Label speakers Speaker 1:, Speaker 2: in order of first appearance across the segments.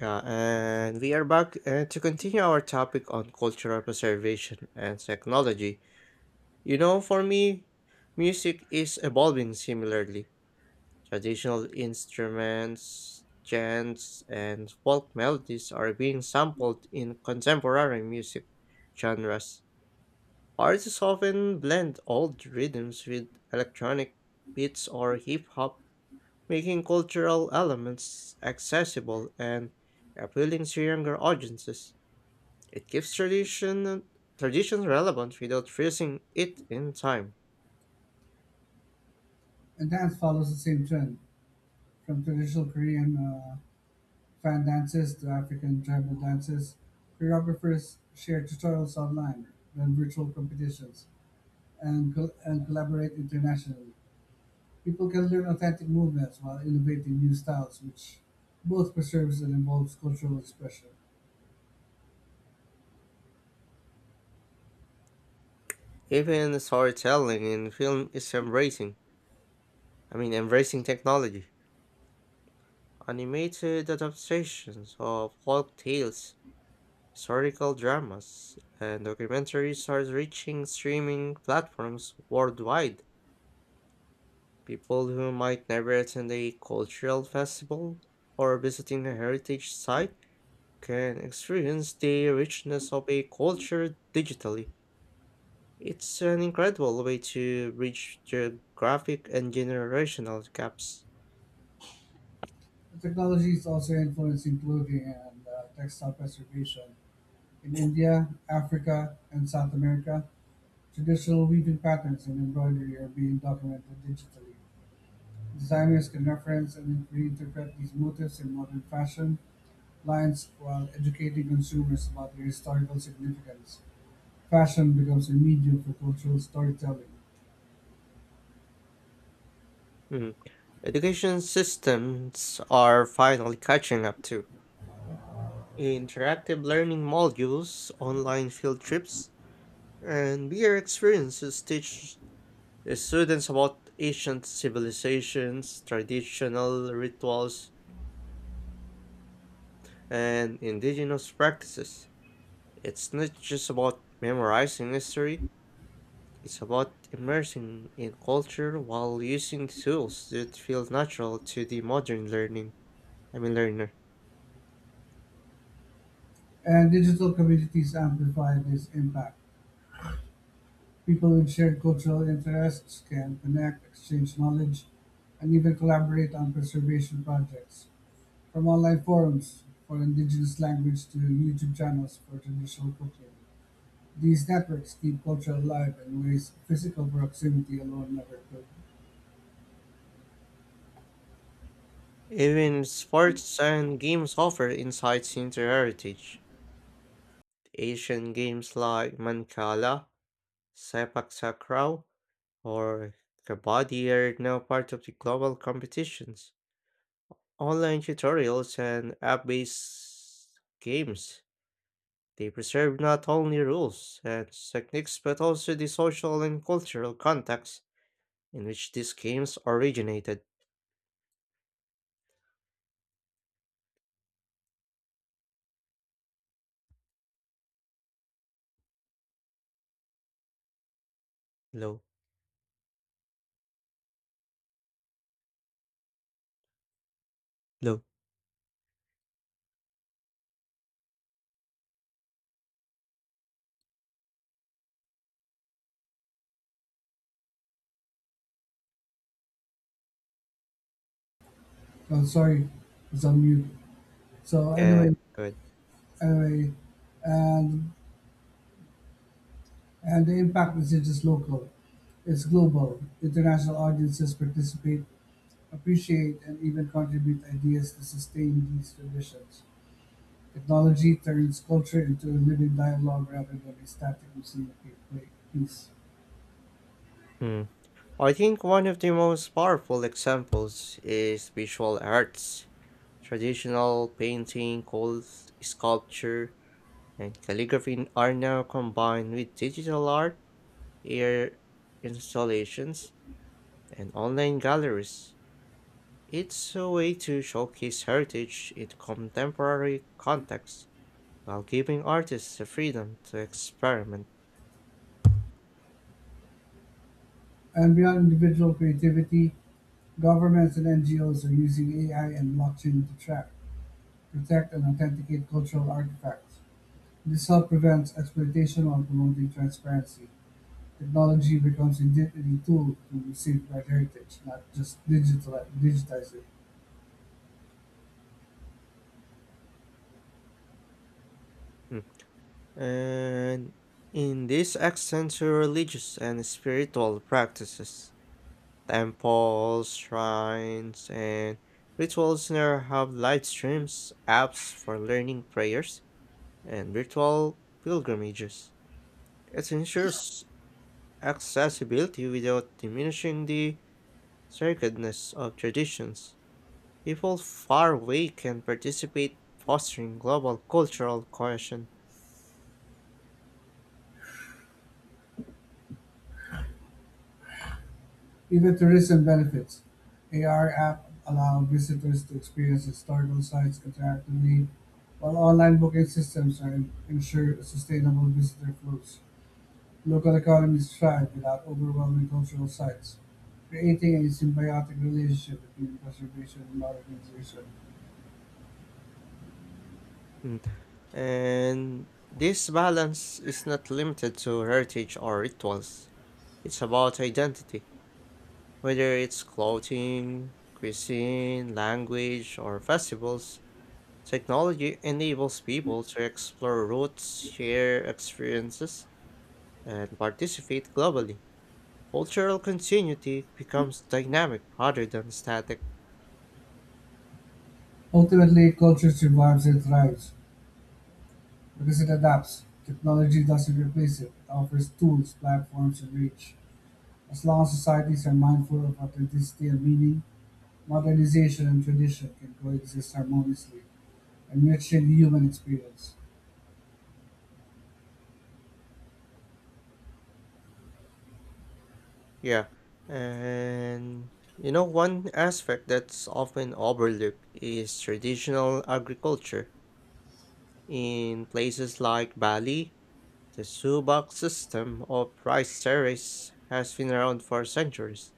Speaker 1: Yeah, and we are back to continue our topic on cultural preservation and technology. You know, for me, music is evolving similarly. Traditional instruments, chants, and folk melodies are being sampled in contemporary music genres. Artists often blend old rhythms with electronic beats or hip hop, making cultural elements accessible and appealing to younger audiences. It keeps tradition relevant without freezing it in time.
Speaker 2: And dance follows the same trend, from traditional Korean fan dances to African tribal dances. Choreographers share tutorials online, run virtual competitions, and collaborate internationally. People can learn authentic movements while innovating new styles, which both preserves and involves cultural expression.
Speaker 1: Even storytelling in film is embracing technology. Animated adaptations of folk tales, historical dramas, and documentaries are reaching streaming platforms worldwide. People who might never attend a cultural festival or visiting a heritage site can experience the richness of a culture digitally. It's an incredible way to bridge geographic and generational gaps.
Speaker 2: The technology is also influencing clothing and textile preservation in India, Africa, and South America. Traditional weaving patterns and embroidery are being documented digitally. Designers can reference and reinterpret these motifs in modern fashion lines while educating consumers about their historical significance. Fashion becomes a medium for cultural storytelling,
Speaker 1: Mm. Education systems are finally catching up too. Interactive learning modules, online field trips, and VR experiences teach the students about ancient civilizations, traditional rituals, and indigenous practices. It's not just about memorizing history. It's about immersing in culture while using tools that feel natural to the modern learning, I mean learner.
Speaker 2: and digital communities amplify this impact. People with shared cultural interests can connect, exchange knowledge, and even collaborate on preservation projects. From online forums for indigenous language to YouTube channels for traditional cooking, these networks keep culture alive in ways physical proximity alone never could.
Speaker 1: Even sports and games offer insights into heritage. Asian games like Mancala, Sepak Takraw, or Kabaddi are now part of the global competitions. Online tutorials and app-based games they preserve not only rules and techniques but also the social and cultural context in which these games originated. Low, low.
Speaker 2: Oh, sorry, it's on mute. So
Speaker 1: Yeah,
Speaker 2: anyway,
Speaker 1: good.
Speaker 2: anyway, and and the impact isn't just local; it's global. International audiences participate, appreciate, and even contribute ideas to sustain these traditions. Technology turns culture into a living dialogue rather than a static museum of piece.
Speaker 1: Hmm. I think one of the most powerful examples is visual arts, traditional painting, cold sculpture, and calligraphy are now combined with digital art, air installations, and online galleries. It's a way to showcase heritage in contemporary contexts while giving artists the freedom to experiment.
Speaker 2: And beyond individual creativity, governments and NGOs are using AI and blockchain to track, protect, and authenticate cultural artifacts. This help prevents exploitation while promoting transparency. Technology becomes indeed a tool to safeguard heritage, not just digital, digitize it.
Speaker 1: And in this accent to religious and spiritual practices, temples, shrines, and rituals now have live streams, apps for learning prayers, and virtual pilgrimages. It ensures accessibility without diminishing the sacredness of traditions. People far away can participate, fostering global cultural cohesion.
Speaker 2: Even tourism benefits. AR app allow visitors to experience historical sites interactively, while online booking systems are ensure sustainable visitor flows. Local economies thrive without overwhelming cultural sites, creating a symbiotic relationship between preservation and modernization.
Speaker 1: And this balance is not limited to heritage or rituals. It's about identity, whether it's clothing, cuisine, language, or festivals. Technology enables people to explore roots, share experiences, and participate globally. Cultural continuity becomes dynamic rather than static.
Speaker 2: Ultimately, culture survives and thrives because it adapts. Technology doesn't replace it. It offers tools, platforms, and reach. As long as societies are mindful of authenticity and meaning, modernization and tradition can coexist harmoniously, enriching the human experience.
Speaker 1: Yeah, and you know, one aspect that's often overlooked is traditional agriculture. In places like Bali, the subak system of rice terrace has been around for centuries,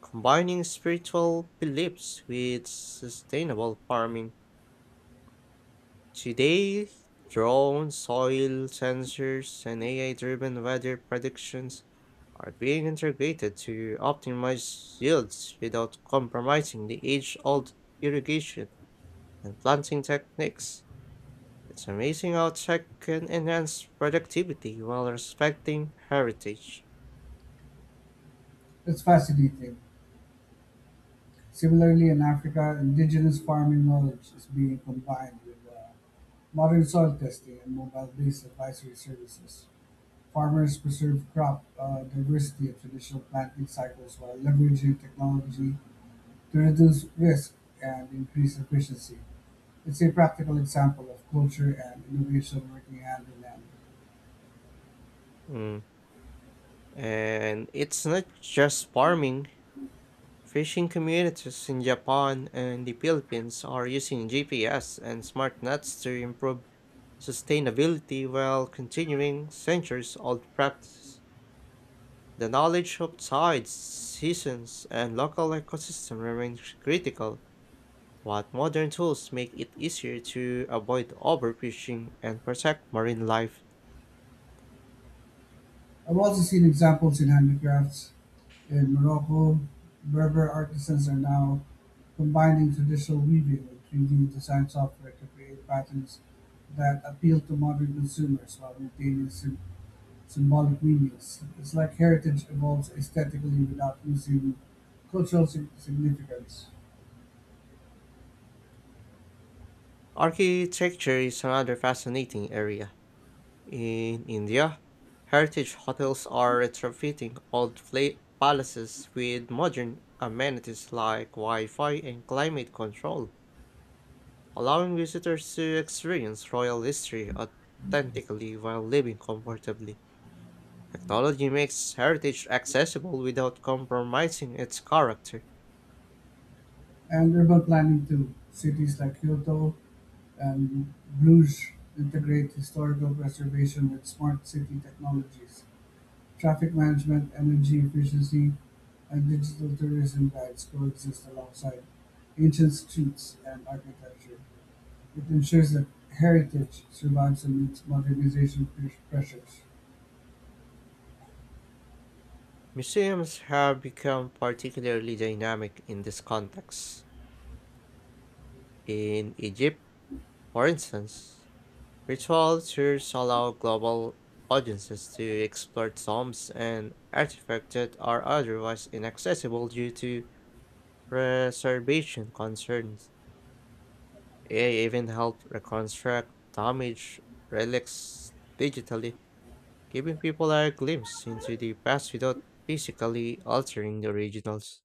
Speaker 1: combining spiritual beliefs with sustainable farming. Today, drone soil sensors and AI driven weather predictions are being integrated to optimize yields without compromising the age old irrigation and planting techniques. It's amazing how tech can enhance productivity while respecting heritage.
Speaker 2: That's fascinating. Similarly, in Africa, indigenous farming knowledge is being combined with modern soil testing and mobile-based advisory services, farmers preserve crop diversity and traditional planting cycles while leveraging technology to reduce risk and increase efficiency. It's a practical example of culture and innovation working hand in hand.
Speaker 1: Mm. And it's not just farming. Fishing communities in Japan and the Philippines are using GPS and smart nets to improve sustainability while continuing centuries old practice. The knowledge of tides, seasons, and local ecosystem remains critical, but modern tools make it easier to avoid overfishing and protect marine life.
Speaker 2: I've also seen examples in handicrafts in Morocco. Berber artisans are now combining traditional weaving with 3D design software to create patterns that appeal to modern consumers while maintaining simple symbolic meanings. It's like heritage evolves aesthetically without losing cultural significance.
Speaker 1: Architecture is another fascinating area. In India, heritage hotels are retrofitting palaces with modern amenities like Wi Fi and climate control, allowing visitors to experience royal history authentically while living comfortably. Technology makes heritage accessible without compromising its character.
Speaker 2: And urban planning too. Cities like Kyoto and Bruges integrate historical preservation with smart city technologies. Traffic management, energy efficiency, and digital tourism guides coexist alongside ancient streets and architecture. It ensures that heritage survives amidst modernization pressures.
Speaker 1: Museums have become particularly dynamic in this context. In Egypt, for instance, virtual tours allow global audiences to explore tombs and artifacts that are otherwise inaccessible due to preservation concerns. AI even helped reconstruct damaged relics digitally, giving people a glimpse into the past without physically altering the originals.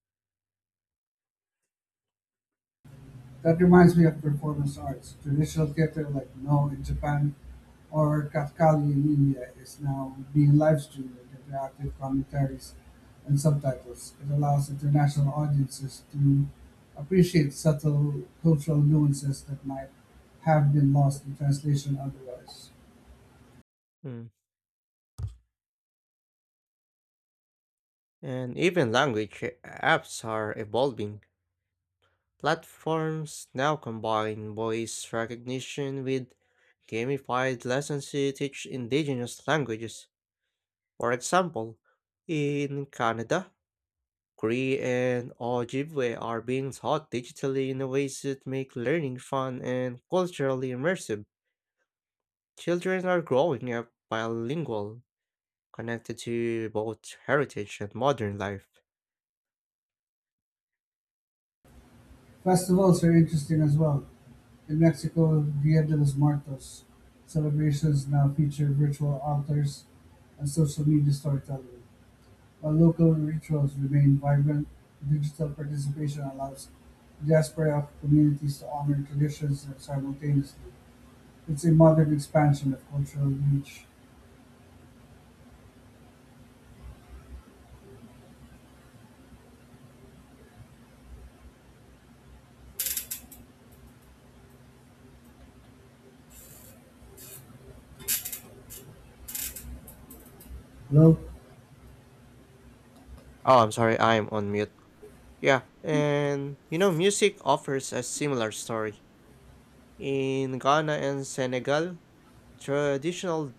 Speaker 2: That reminds me of performance arts, traditional theatre like No in Japan or Kathkali in India is now being live-streamed with interactive commentaries and subtitles. It allows international audiences to appreciate subtle cultural nuances that might have been lost in translation otherwise.
Speaker 1: Hmm. And even language apps are evolving. Platforms now combine voice recognition with gamified lessons to teach indigenous languages. For example, in Canada, Cree and Ojibwe are being taught digitally in ways that make learning fun and culturally immersive. Children are growing up bilingual, connected to both heritage and modern life.
Speaker 2: Festivals are interesting as well. In Mexico, Dia de los Muertos celebrations now feature virtual altars and social media storytelling. While local rituals remain vibrant, digital participation allows diaspora communities to honor traditions simultaneously. It's a modern expansion of cultural reach. Hello?
Speaker 1: Oh, I'm sorry, I'm on mute. Yeah, and you know, music offers a similar story. In Ghana and Senegal, traditional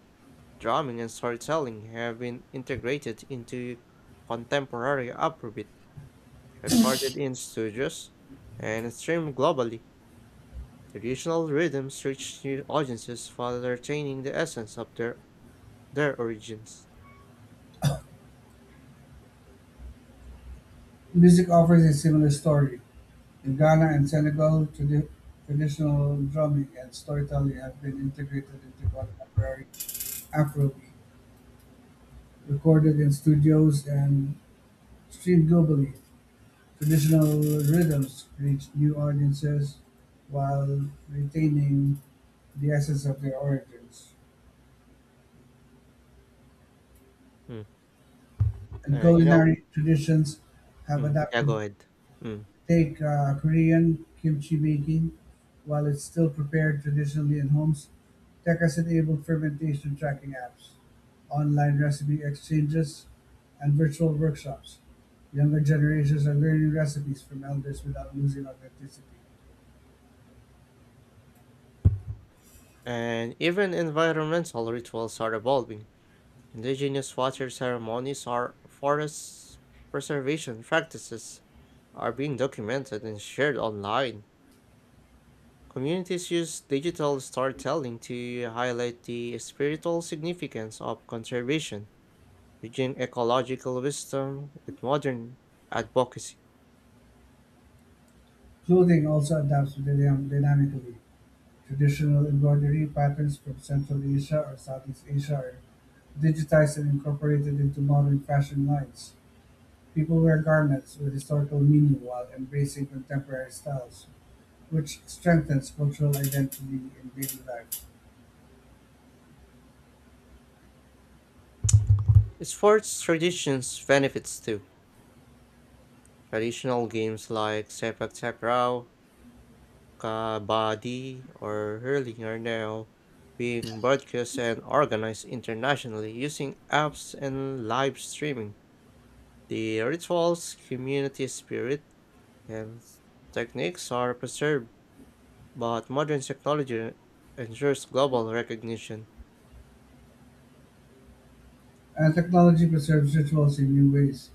Speaker 1: drumming and storytelling have been integrated into contemporary Afrobeat, recorded in studios and streamed globally. Traditional rhythms reach new audiences while retaining the essence of their origins.
Speaker 2: Music offers a similar story. In Ghana and Senegal, traditional drumming and storytelling have been integrated into contemporary Afrobeat, recorded in studios and streamed globally. Traditional rhythms reach new audiences while retaining the essence of their origins.
Speaker 1: Mm.
Speaker 2: And
Speaker 1: And you know,
Speaker 2: culinary traditions have
Speaker 1: mm, yeah, go
Speaker 2: adapted.
Speaker 1: ahead. Mm.
Speaker 2: Take Korean kimchi making, while it's still prepared traditionally in homes, tech has enabled fermentation tracking apps, online recipe exchanges, and virtual workshops. Younger generations are learning recipes from elders without losing authenticity.
Speaker 1: And even environmental rituals are evolving. Indigenous water ceremonies are forest preservation practices are being documented and shared online. Communities use digital storytelling to highlight the spiritual significance of conservation, bridging ecological wisdom with modern advocacy.
Speaker 2: Clothing also adapts to dynamically. Traditional embroidery patterns from Central Asia or Southeast Asia are digitized and incorporated into modern fashion lines, people wear garments with historical meaning while embracing contemporary styles, which strengthens cultural identity in daily life.
Speaker 1: Sports traditions benefits too. Traditional games like sepak takraw, kabaddi, or hurling are now being broadcast and organized internationally using apps and live streaming. The rituals, community spirit, hence, techniques are preserved, but modern technology ensures global recognition.
Speaker 2: And technology preserves rituals in new ways.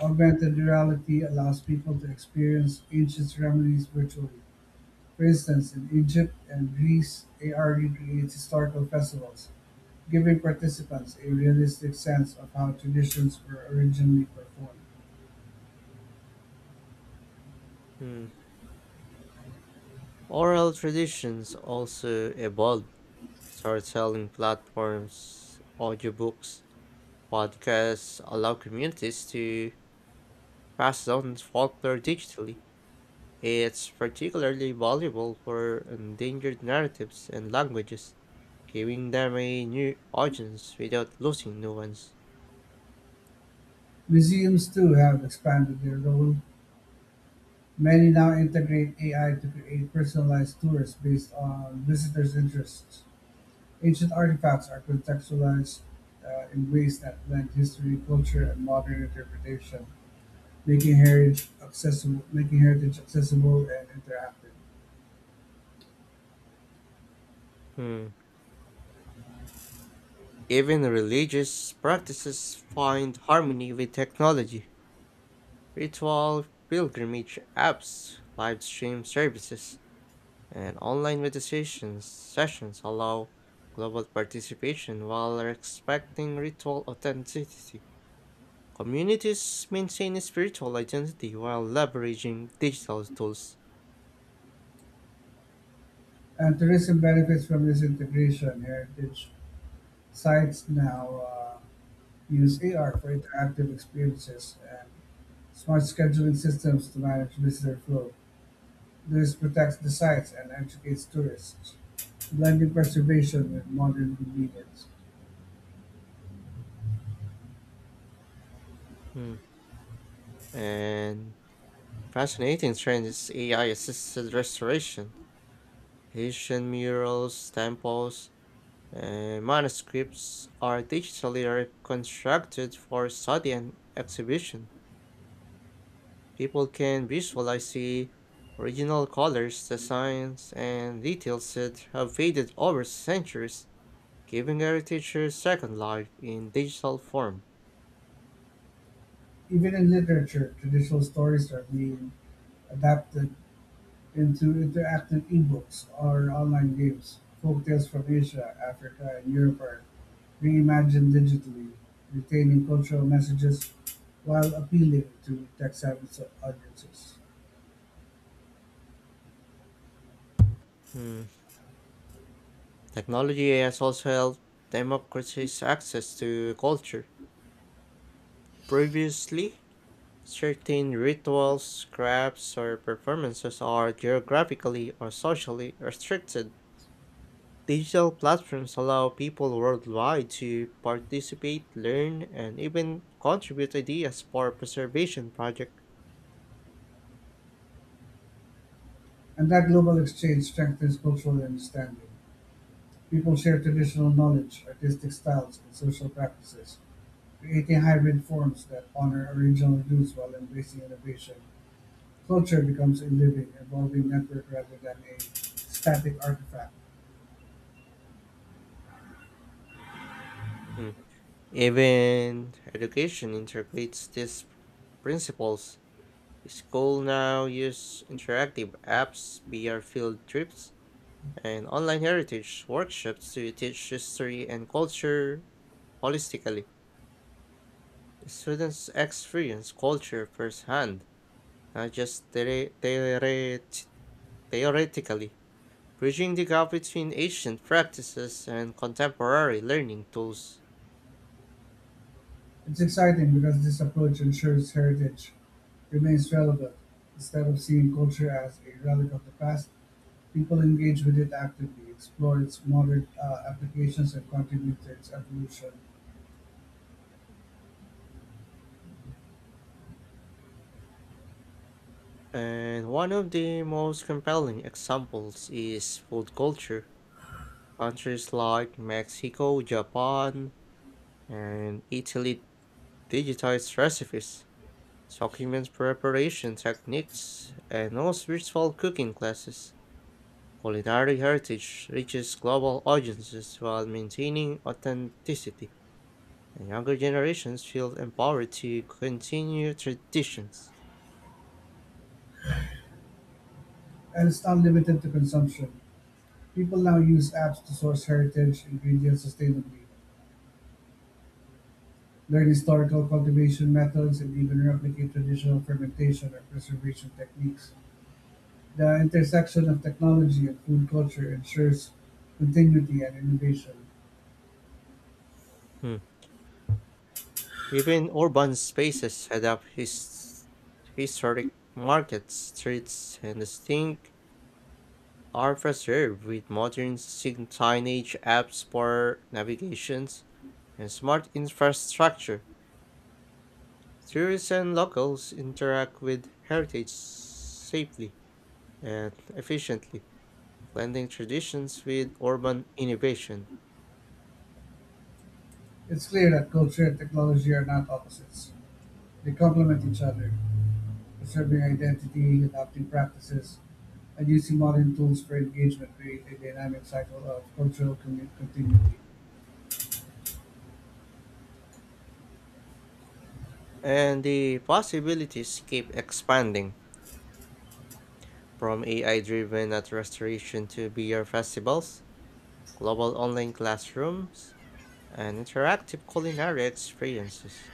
Speaker 2: Augmented reality allows people to experience ancient ceremonies virtually. For instance, in Egypt and Greece, AR recreates historical festivals, giving participants a realistic sense of how traditions were originally performed.
Speaker 1: Hmm. Oral traditions also evolve. Storytelling platforms, audiobooks, podcasts allow communities to pass down folklore digitally. It's particularly valuable for endangered narratives and languages, giving them a new audience without losing nuance.
Speaker 2: Museums too have expanded their role; many now integrate AI to create personalized tours based on visitors' interests. Ancient artifacts are contextualized in ways that blend history, culture, and modern interpretation, making heritage accessible and interactive.
Speaker 1: Hmm. Even religious practices find harmony with technology. Ritual pilgrimage apps, live stream services, and online meditation sessions allow global participation while respecting ritual authenticity. Communities maintain a spiritual identity while leveraging digital tools.
Speaker 2: And tourism benefits from this integration. Heritage sites now uh, use AR for interactive experiences and smart scheduling systems to manage visitor flow. This protects the sites and educates tourists, blending preservation with modern convenience.
Speaker 1: Hmm. And fascinating trend is AI assisted restoration. Asian murals, temples, manuscripts are digitally reconstructed for study and exhibition. People can visualize the original colors, designs, and details that have faded over centuries, giving heritage a second life in digital form.
Speaker 2: Even in literature, traditional stories are being adapted into interactive ebooks or online games. Folktales from Asia, Africa, and Europe are reimagined digitally, retaining cultural messages while appealing to tech-savvy audiences.
Speaker 1: Hmm. Technology has also helped democratize access to culture. Previously, certain rituals, crafts, or performances are geographically or socially restricted. Digital platforms allow people worldwide to participate, learn, and even contribute ideas for preservation projects.
Speaker 2: And that global exchange strengthens cultural understanding. People share traditional knowledge, artistic styles, and social practices, creating hybrid forms that honor original use while embracing innovation, culture becomes a living, evolving network rather than a static artifact.
Speaker 1: Mm. Even education integrates these principles. School now use interactive apps, VR field trips, and online heritage workshops to teach history and culture holistically. Students experience culture firsthand, not just theoretically, bridging the gap between ancient practices and contemporary learning tools.
Speaker 2: It's exciting because this approach ensures heritage remains relevant. Instead of seeing culture as a relic of the past, people engage with it actively, explore its modern applications, and contribute to its evolution.
Speaker 1: And one of the most compelling examples is food culture. Countries like Mexico, Japan, and Italy digitize recipes, document preparation techniques, and host virtual cooking classes. Culinary heritage reaches global audiences while maintaining authenticity, and younger generations feel empowered to continue traditions.
Speaker 2: And it's not limited to consumption. People now use apps to source heritage ingredients sustainably, learn historical cultivation methods and even replicate traditional fermentation or preservation techniques. The intersection of technology and food culture ensures continuity and innovation.
Speaker 1: Hmm. Even urban spaces adapt his historic markets, streets, and distinct are preserved with modern signage, apps for navigations, and smart infrastructure. Tourists and locals interact with heritage safely and efficiently, blending traditions with urban innovation.
Speaker 2: It's clear that culture and technology are not opposites. They complement each other, preserving identity, adapting practices, and using modern tools for engagement create a dynamic cycle of cultural continuity.
Speaker 1: And the possibilities keep expanding from AI driven at restoration to beer festivals, global online classrooms, and interactive culinary experiences.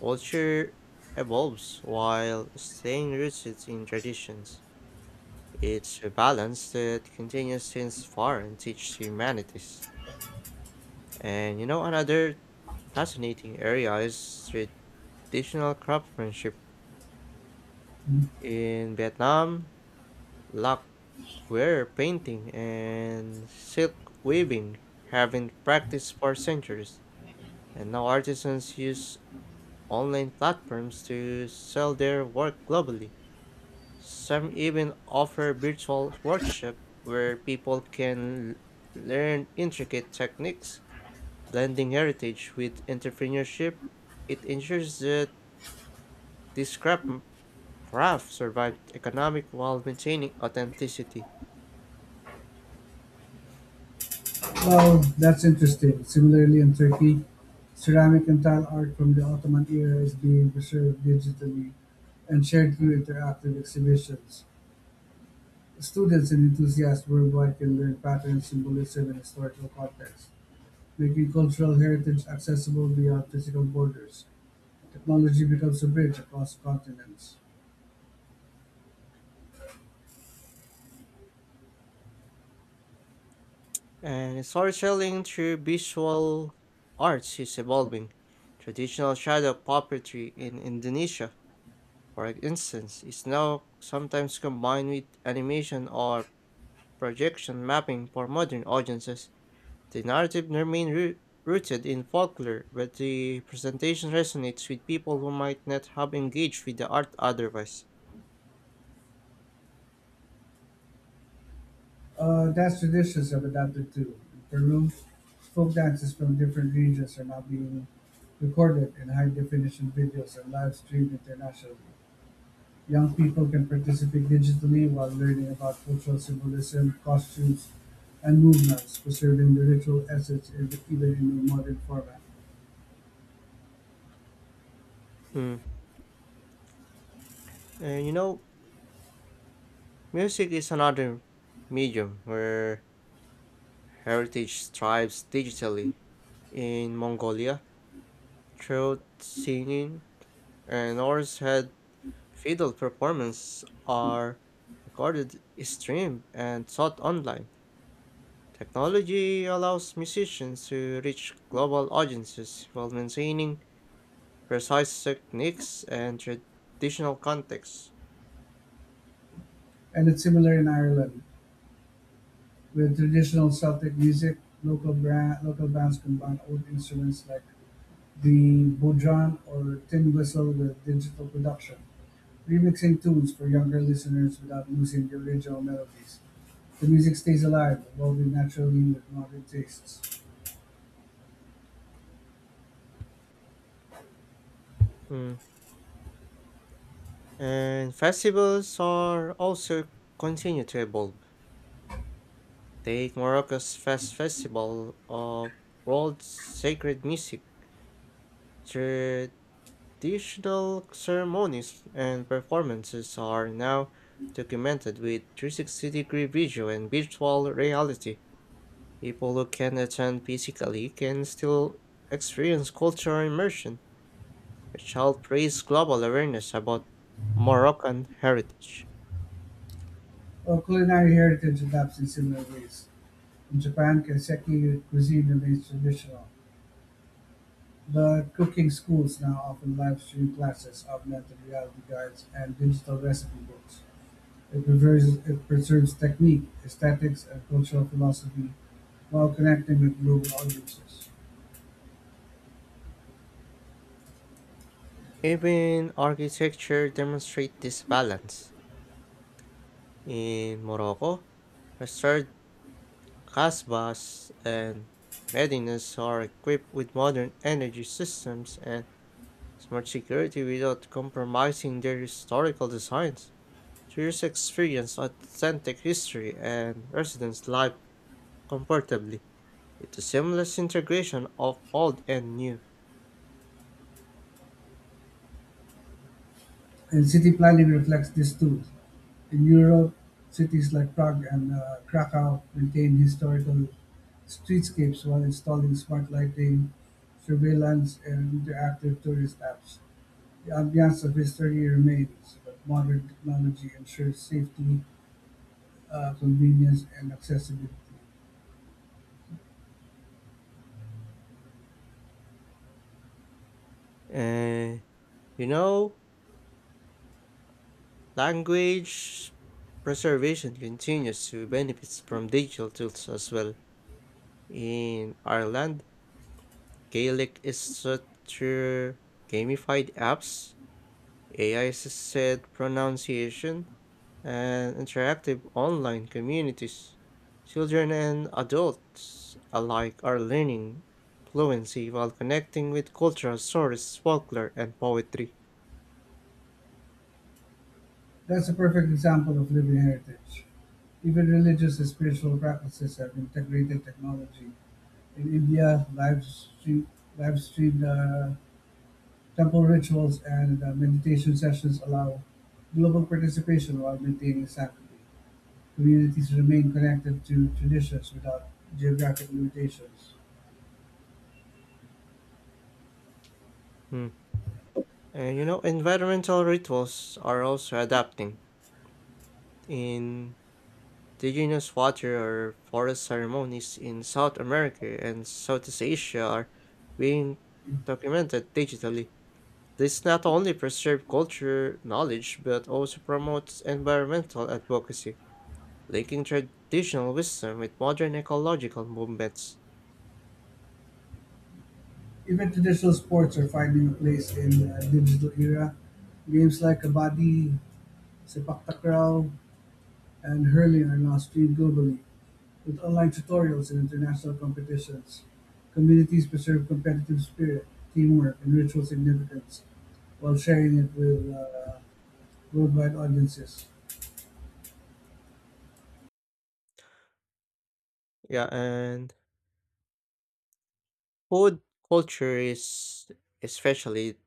Speaker 1: Culture evolves while staying rooted in traditions. It's a balance that continues to inspire and teach humanities. And you know, another fascinating area is traditional craftsmanship in Vietnam. Lacquer painting and silk weaving have been practiced for centuries, and now artisans use online platforms to sell their work globally. Some even offer virtual workshops where people can learn intricate techniques, blending heritage with entrepreneurship. It ensures that this crap- craft survives economic while maintaining authenticity.
Speaker 2: Well, that's interesting. Similarly, in Turkey, ceramic and tile art from the Ottoman era is being preserved digitally and shared through interactive exhibitions. Students and enthusiasts worldwide can learn patterns, symbolism, and historical context, making cultural heritage accessible beyond physical borders. Technology becomes a bridge across continents.
Speaker 1: And storytelling through visual arts is evolving. Traditional shadow puppetry in Indonesia, for instance, is now sometimes combined with animation or projection mapping for modern audiences. The narrative rooted in folklore, but the presentation resonates with people who might not have engaged with the art otherwise.
Speaker 2: Dance traditions have adapted too. In Peru, folk dances from different regions are now being recorded in high definition videos and live streamed internationally. Young people can participate digitally while learning about cultural symbolism, costumes, and movements, preserving the ritual essence in, even in a modern format.
Speaker 1: Mm. And you know, music is another medium where heritage tribes digitally. In Mongolia, throat singing and Norse head fiddle performance are recorded, streamed, and taught online. Technology allows musicians to reach global audiences while maintaining precise techniques and traditional contexts.
Speaker 2: And it's similar in Ireland, with traditional Celtic music, local bands combine old instruments like the bodhran or tin whistle with digital production, remixing tunes for younger listeners without losing the original melodies. The music stays alive, evolving naturally with modern tastes.
Speaker 1: Mm. And festivals are also continue to evolve. Take Morocco's Festival of World Sacred Music. Traditional ceremonies and performances are now documented with 360-degree visual and virtual reality. People who can attend physically can still experience cultural immersion, which helps raise global awareness about Moroccan heritage.
Speaker 2: While culinary heritage adapts in similar ways. In Japan, kaiseki cuisine remains traditional, but cooking schools now often live stream classes, augmented reality guides, and digital recipe books. It preserves technique, aesthetics, and cultural philosophy while connecting with global audiences.
Speaker 1: Even architecture demonstrates this balance. In Morocco, restored Casbahs and medinas are equipped with modern energy systems and smart security without compromising their historical designs. Tourists experience authentic history and residents live comfortably. It's a seamless integration of old and new.
Speaker 2: And city planning reflects this too. In Europe, cities like Prague and Krakow maintain historical streetscapes while installing smart lighting, surveillance, and interactive tourist apps. The ambiance of history remains, but modern technology ensures safety, convenience, and accessibility.
Speaker 1: And you know, language preservation continues to benefit from digital tools as well. In Ireland, Gaelic is set through gamified apps, AI assisted pronunciation, and interactive online communities. Children and adults alike are learning fluency while connecting with cultural sources, folklore, and poetry.
Speaker 2: That's a perfect example of living heritage. Even religious and spiritual practices have integrated technology. In India, live streamed temple rituals and meditation sessions allow global participation while maintaining sanctity. Communities remain connected to traditions without geographic limitations.
Speaker 1: Hmm. And you know, environmental rituals are also adapting. In indigenous water or forest ceremonies in South America and Southeast Asia are being documented digitally. This not only preserves culture knowledge but also promotes environmental advocacy, linking traditional wisdom with modern ecological movements.
Speaker 2: Even traditional sports are finding a place in the digital era. Games like kabaddi, sepak takraw, and hurling are now streamed globally with online tutorials and international competitions, communities preserve competitive spirit, teamwork, and ritual significance while sharing it with worldwide audiences.
Speaker 1: Yeah, and food culture is especially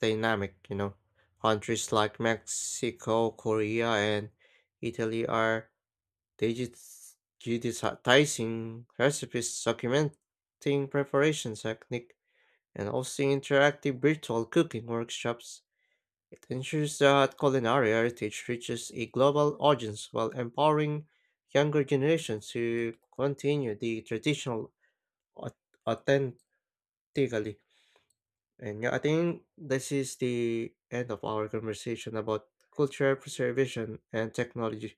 Speaker 1: dynamic, you know. Countries like Mexico, Korea, and Italy are digits digitizing recipes, documenting preparation technique, and hosting interactive virtual cooking workshops. It ensures that culinary heritage reaches a global audience while empowering younger generations to continue the traditional au- authentically. And yeah, I think this is the end of our conversation about cultural preservation and technology.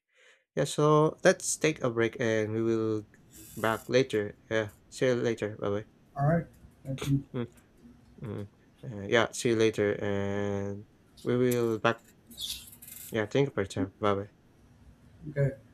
Speaker 1: Yeah, so let's take a break and we will back later. Yeah, see you later. Bye bye.
Speaker 2: All right, thank you.
Speaker 1: Mm, mm. Yeah, see you later, and we will back. Yeah, thank you for your time. Bye bye.
Speaker 2: Okay.